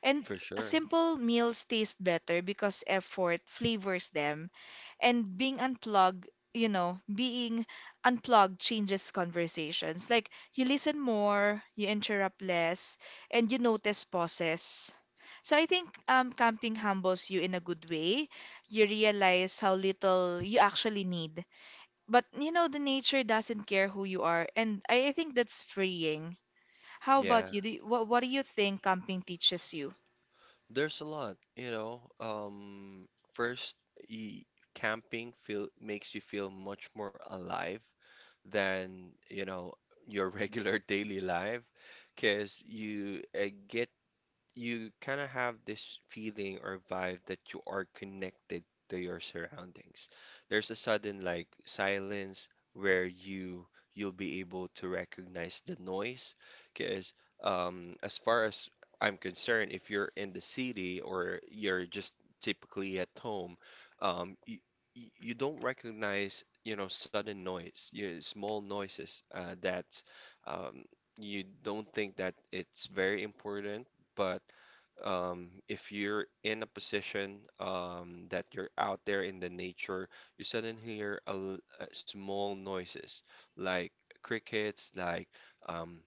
And
for sure.
simple meals taste better because effort flavors them, and being unplugged, you know, being unplugged changes conversations. Like you listen more, you interrupt less, and you notice pauses. So I think camping humbles you in a good way. You realize how little you actually need, but you know the nature doesn't care who you are, and I think that's freeing. How about
Yeah,
you? What do you think camping teaches you?
there's a lot, you know. First, y camping feel makes you feel much more alive than, you know, your regular daily life, because you get, you kind of have this feeling or vibe that you are connected to your surroundings. There's a sudden like silence where you'll be able to recognize the noise because as far as I'm concerned, if you're in the city or you're just typically at home, um, you, you don't recognize sudden noise, small noises that um, you don't think that it's very important, but if you're in a position that you're out there in the nature, you suddenly hear small noises like crickets, like um,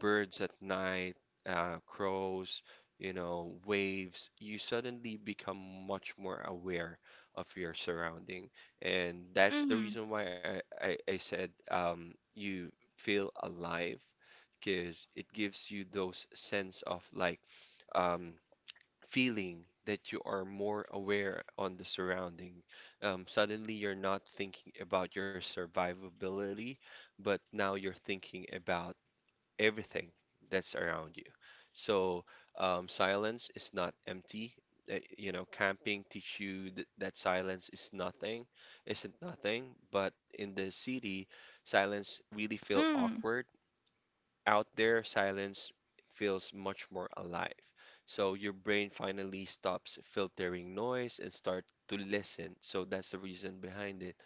birds at night, crows, waves. You suddenly become much more aware of your surrounding, and that's the
Mm-hmm.
reason why I said you feel alive because it gives you those sense of like um, feeling that you are more aware on the surrounding. Suddenly, you're not thinking about your survivability, but now you're thinking about everything that's around you. So, silence is not empty. You know, camping teach you that silence is nothing, isn't nothing. But in the city, silence really feel
Mm.
awkward. Out there, silence feels much more alive. So your brain finally stops filtering noise and start to listen. So that's the reason behind it.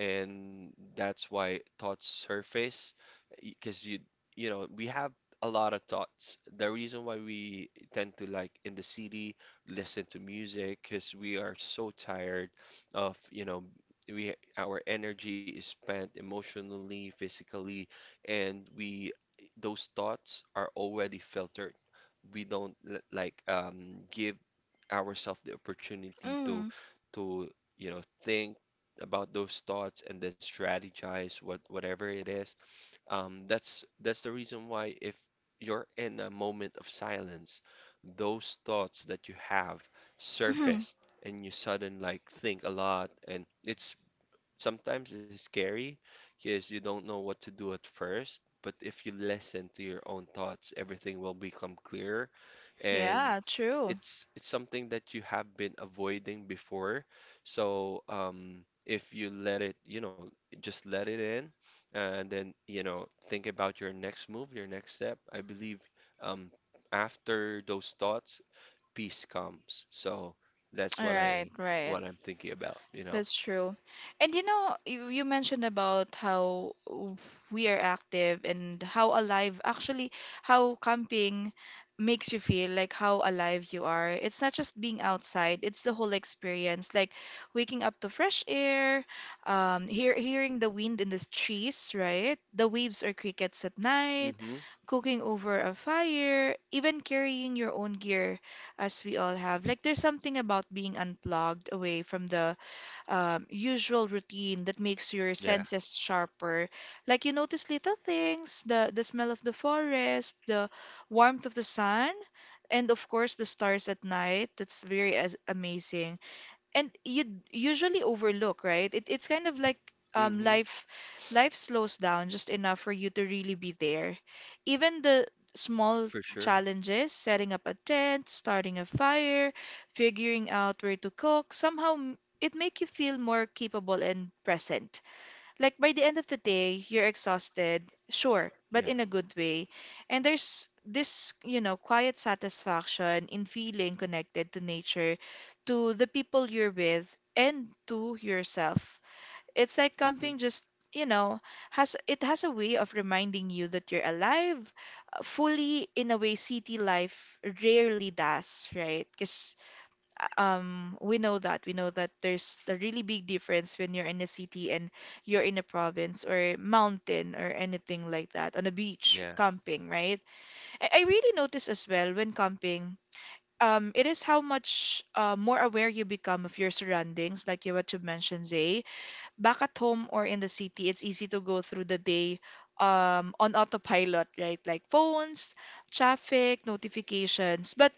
And that's why thoughts surface because we have a lot of thoughts. The reason why we tend to like in the city listen to music because we are so tired of, we our energy is spent emotionally, physically, and we those thoughts are already filtered. We don't like give ourselves the opportunity to
mm,
to think about those thoughts and then strategize whatever it is. That's the reason why if you're in a moment of silence, those thoughts that you have
mm,
surfaced, and you sudden like think a lot and it's sometimes it's scary because you don't know what to do at first, but if you listen to your own thoughts, everything will become clearer, and
yeah, true.
it's something that you have been avoiding before. So, if you let it, just let it in and then, think about your next move, your next step. I believe um, after those thoughts, peace comes. So that's what
Right,
I
right.
what I'm thinking about.
That's true. And you know, you mentioned about how we are active and how alive, actually, how camping makes you feel, like how alive you are. It's not just being outside, it's the whole experience, like waking up to fresh air, hearing the wind in the trees, right? The waves or crickets at night,
Mhm.
cooking over a fire, even carrying your own gear, as we all have. Like, there's something about being unplugged away from the usual routine that makes your
Yeah.
senses sharper. Like you notice little things, the smell of the forest, the warmth of the sun, and of course the stars at night. That's very as amazing, and you usually overlook, right? It's kind of like um
Mm-hmm.
life life slows down just enough for you to really be there. Even the small
For sure.
challenges, setting up a tent, starting a fire, figuring out where to cook, somehow it make you feel more capable and present. Like by the end of the day, you're exhausted, sure,
Yeah.
but in a good way. And there's this, you know, quiet satisfaction in feeling connected to nature, to the people you're with, and to yourself. It's like
Mm-hmm.
camping just, you know, has a way of reminding you that you're alive, fully, in a way city life rarely does, right? Because we know that. We know that there's a really big difference when you're in a city and you're in a province or mountain or anything like that, on a beach,
Yeah.
camping, right? I really notice as well when camping, it is how much more aware you become of your surroundings, like you what you mentioned, Zay. Back at home or in the city, it's easy to go through the day on autopilot, right? Like phones, traffic, notifications. But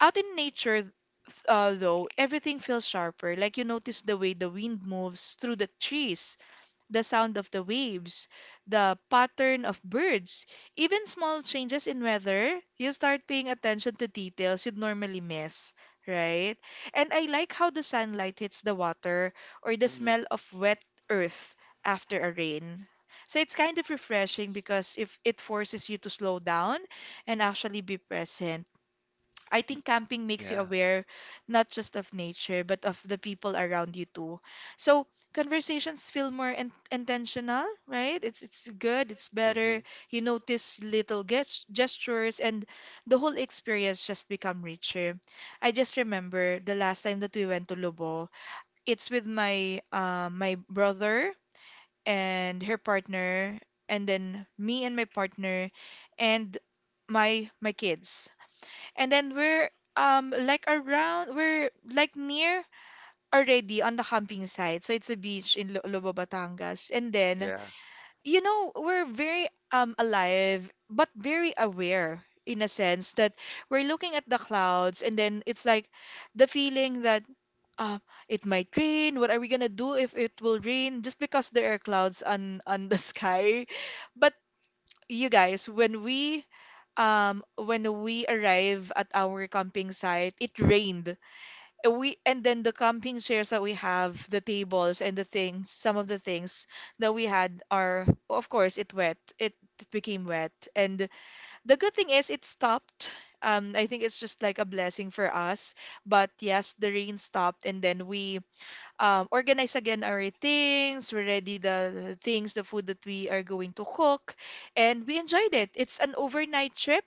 out in nature, everything feels sharper. Like you notice the way the wind moves through the trees, the sound of the waves, the pattern of birds, even small changes in weather. You start paying attention to details you'd normally miss, right? And I like how the sunlight hits the water or the
Mm-hmm.
smell of wet earth after a rain. So it's kind of refreshing because if it forces you to slow down and actually be present. I think camping makes you
Yeah.
aware not just of nature, but of the people around you too. So conversations feel more in intentional, right? It's good, it's
Mm-hmm.
better. You notice little gestures, and the whole experience just become richer. I just remember the last time that we went to Lobo. It's with my my brother and her partner, and then me and my partner, and my kids. And then we're like around, we're like near already on the camping site. So it's a beach in Lobo, Batangas. And then,
Yeah.
you know, we're very alive but very aware in a sense that we're looking at the clouds, and then it's like the feeling that uh, it might rain. What are we gonna do if it will rain? Just because there are clouds on the sky. But you guys, when we when we arrive at our camping site it rained. And we and then the camping chairs that we have, the tables and the things, some of the things that we had are, of course, it wet it, it became wet. And the good thing is it stopped. I think it's just like a blessing for us, but yes, the rain stopped and then we organize again our things, we ready the things, the food that we are going to cook, and we enjoyed it. It's an overnight trip.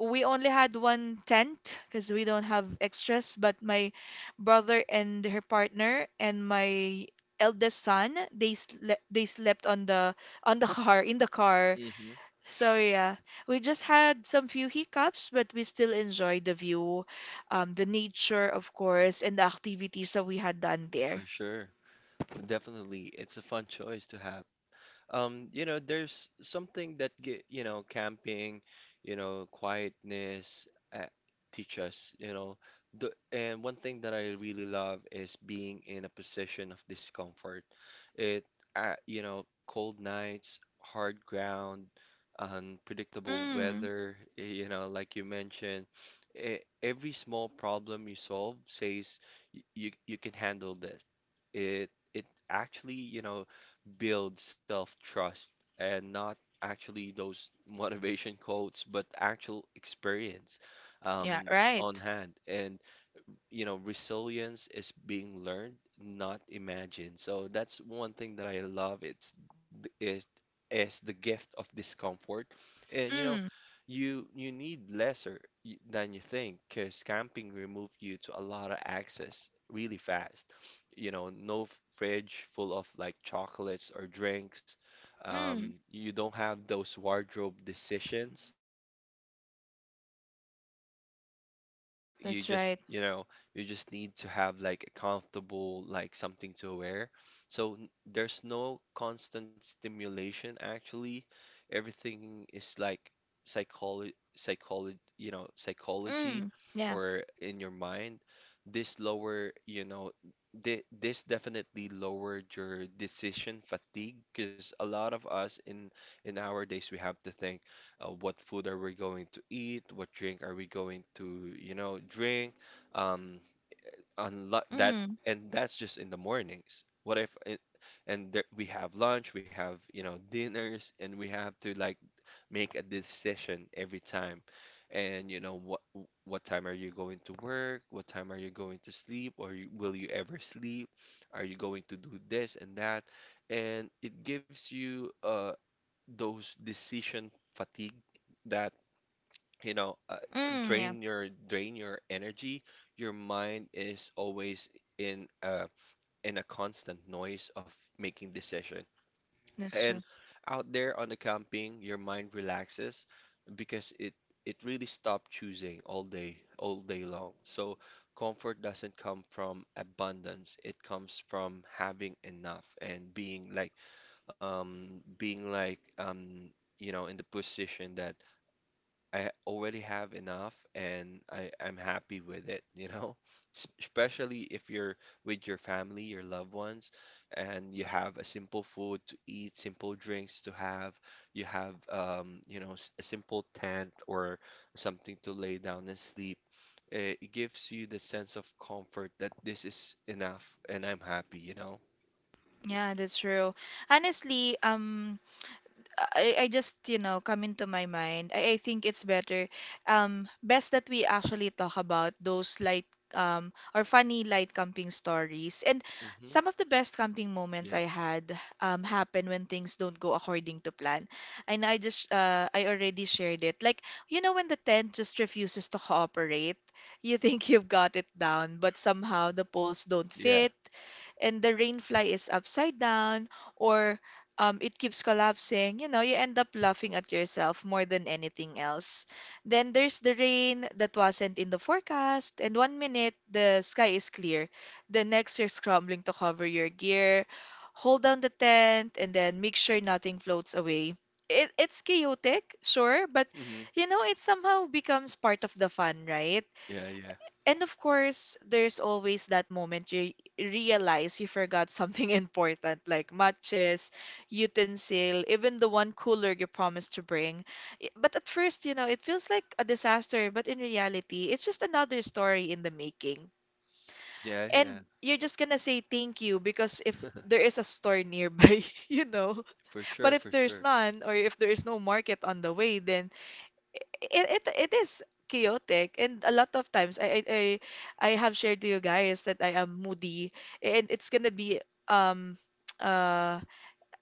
We only had one tent because we don't have extras, but my brother and her partner and my eldest son, they slept on the car, in the car.
Mm-hmm.
So yeah, we just had some few hiccups, but we still enjoyed the view, the nature, of course, and the activities that we had done there.
For sure. Definitely, it's a fun choice to have. There's something that camping, quietness uh, teach us. And one thing that I really love is being in a position of discomfort. It, cold nights, hard ground, unpredictable
Mm,
weather, like you mentioned, e- every small problem you solve says y- you can handle this. It actually, builds self-trust, and not actually those motivation quotes, but actual experience
yeah,
um, on
right.
hand. And resilience is being learned, not imagined. So that's one thing that I love. Th- it is the gift of discomfort, and
Mm,
you need lesser than you think because camping removed you to a lot of access really fast. No fridge full of like chocolates or drinks. Um,
mm,
you don't have those wardrobe decisions. Sometimes maybe out there
yeah,
you you
that's
just,
right.
you know, you just need to have like a comfortable like something to wear. So there's no constant stimulation actually. Everything is like psychology
Yeah.
or in your mind. This lower, you know, this definitely lowered your decision fatigue because a lot of us in our days we have to think what food are we going to eat, what drink are we going to, drink, um, unlo that,
Mm,
and that's just in the mornings. What if it, and there, we have lunch, we have, dinners, and we have to like make a decision every time. And you know what time are you going to work? What time are you going to sleep? Or will you ever sleep? Are you going to do this and that? And it gives you those decision fatigue that you know uh,
yeah,
drain your energy. Your mind is always in uh in a constant noise of making decision,
that's
and
true.
out there on the camping your mind relaxes because it really stopped choosing all day, all day long. So comfort doesn't come from abundance, it comes from having enough and being like um being like um in the position that I already have enough and I'm happy with it, you know? Especially if you're with your family, your loved ones, and you have a simple food to eat, simple drinks to have, you have a simple tent or something to lay down and sleep. It gives you the sense of comfort that this is enough and I'm happy, you know?
Yeah, that's true. Honestly, I just, you know, come into my mind. I think it's better, best that we actually talk about those light, or funny light camping stories. And
Hmm.
some of the best camping moments
Yeah.
I had, happen when things don't go according to plan. And I just, I already shared it. Like, you know, when the tent just refuses to cooperate, you think you've got it down, but somehow the poles don't
Yeah.
fit and the rain fly is upside down, or it keeps collapsing. You know, you end up laughing at yourself more than anything else. Then there's the rain that wasn't in the forecast, and one minute the sky is clear. The next you're scrambling to cover your gear, hold down the tent, and then make sure nothing floats away. It's chaotic, sure, but
Hmm.
you know, it somehow becomes part of the fun, right?
Yeah, yeah.
And of course, there's always that moment you realize you forgot something important, like matches, utensil, even the one cooler you promised to bring. But at first, you know, it feels like a disaster, but in reality, it's just another story in the making.
Yeah, yeah.
And you're just gonna say thank you because if there is a store nearby, you know.
For
But
sure, for
if there's
sure.
none, or if there is no market on the way, then it it, it is chaotic, and a lot of times I have shared to you guys that I am moody, and it's gonna be um uh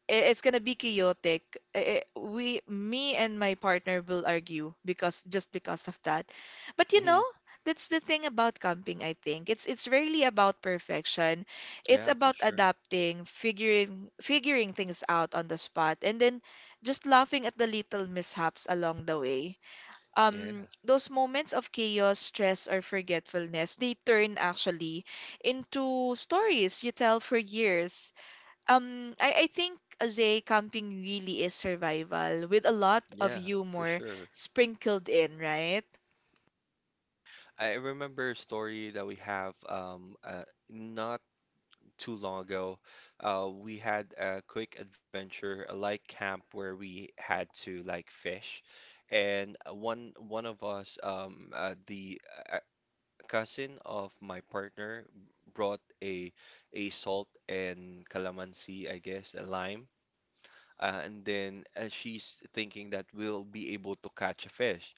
it's gonna be chaotic. We, me and my partner, will argue because just because of that. But you know,
Mhm.
that's the thing about camping, I think. It's rarely about perfection. It's
Yeah, for
about
sure.
adapting, figuring things out on the spot, and then just laughing at the little mishaps along the way.
Yeah,
Those moments of chaos, stress, or forgetfulness, they turn actually into stories you tell for years. I think Azay camping really is survival with a lot of
yeah, for
humor
sure.
sprinkled in, right?
I remember a story that we have not too long ago. We had a quick adventure, a light camp where we had to like fish, and one of us, the cousin of my partner, brought a salt and calamansi, I guess, a lime, and then she's thinking that we'll be able to catch a fish.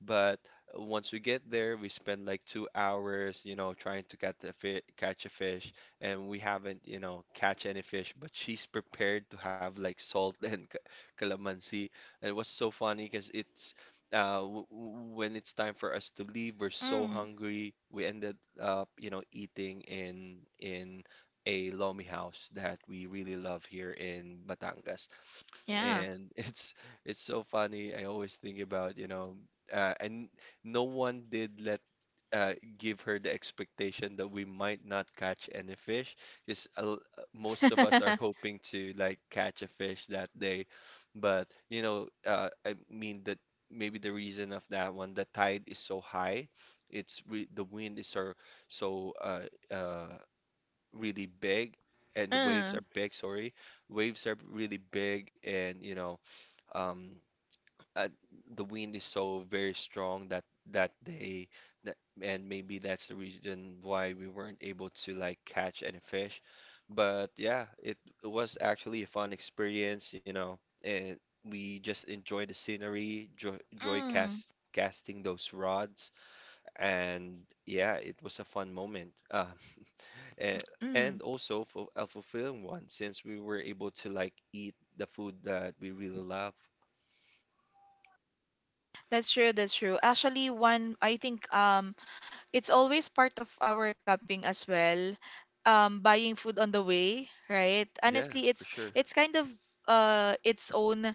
But once we get there, we spend like 2 hours, trying to catch a fish, and we haven't, catch any fish. But she's prepared to have like salt and calamansi. And it was so funny because when it's time for us to leave, we're so
Mm,
hungry. We ended up, eating in a lomi house that we really love here in Batangas,
yeah.
and it's so funny. I always think about, and no one did let uh, give her the expectation that we might not catch any fish. Because most of us are hoping to like catch a fish that day, but I mean that maybe the reason of that one, the tide is so high, it's re the wind is so uh, really big. And the waves
Mm,
are big, sorry. Waves are really big, and um uh, the wind is so very strong that that day that and maybe that's the reason why we weren't able to like catch any fish. But yeah, it was actually a fun experience, and we just enjoyed the scenery, joy, joy
mm,
cast casting those rods, and yeah, it was a fun moment, and,
mm.
and also for a fulfilling one since we were able to like eat the food that we really love.
That's true, that's true. Actually, one, I think it's always part of our camping as well. Buying food on the way, right?
Yeah,
Honestly,
for
it's
sure.
it's kind of its own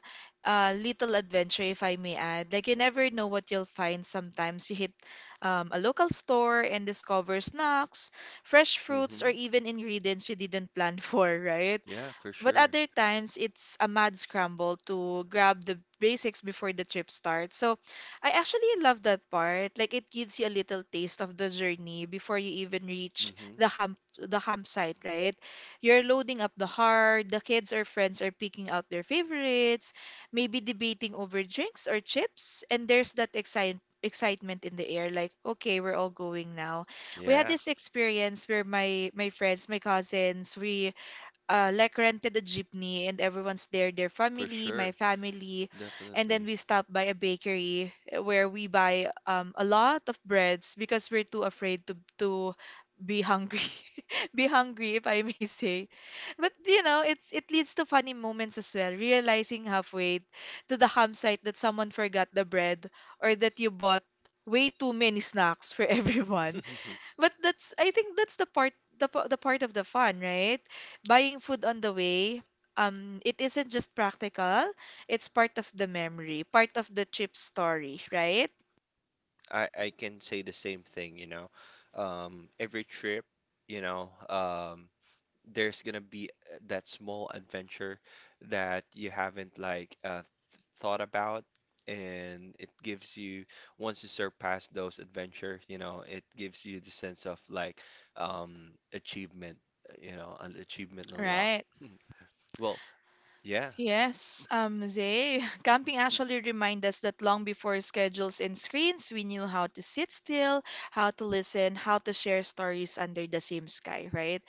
little adventure, if I may add. Like, you never know what you'll find. Sometimes you hit a local store and discover snacks, fresh fruits, or
Mm-hmm.
even ingredients you didn't plan for, right?
Yeah, for
But
sure.
other times, it's a mad scramble to grab the basics before the trip starts. So I actually love that part. Like, it gives you a little taste of the journey before you even reach
Mm-hmm.
the campsite, right? You're loading up the heart, the kids or friends are picking out their favorites, maybe debating over drinks or chips, and there's that excitement in the air, like, okay, we're all going now. We had
Yeah,
this experience where my friends, my cousins, we like, rented a jeepney, and everyone's there, their
for
family, my
sure.
family, and then
Definitely.
we stopped by a bakery where we buy, a lot of breads because we're too afraid to be hungry, be hungry, if I may say. But you know, it leads to funny moments as well, realizing halfway to the campsite that someone forgot the bread, or that you bought way too many snacks for everyone. But that's, I think that's the part of the fun, right? Buying food on the way. It isn't just practical, it's part of the memory, part of the trip story, right?
I can say the same thing. Every trip, you know, um, there's gonna be that small adventure that you haven't like thought about, and it gives you once you surpass those adventure, it gives you the sense of like achievement you know an achievement
Right.
unlocked.
Right.
Well, yeah,
Yes, Zay, camping actually remind us that long before schedules and screens, we knew how to sit still, how to listen, how to share stories under the same sky, right?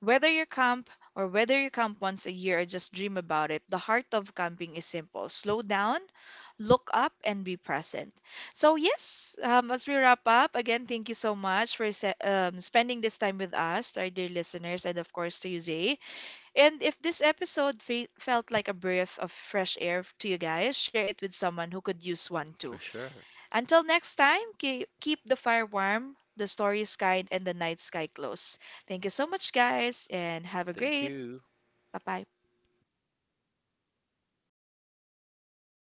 Whether you camp whether you camp once a year or just dream about it, the heart of camping is simple. Slow down, look up, and be present. So, yes, as we wrap up, again, thank you so much for spending this time with us, to our dear listeners, and of course to you, Zay. And if this episode fe felt like a breath of fresh air to you guys, share it with someone who could use one
for
too.
sure.
Until next time, keep the fire warm, the stories kind, and the night sky close. Thank you so much, guys, and have a
Thank
great.
you.
Bye bye.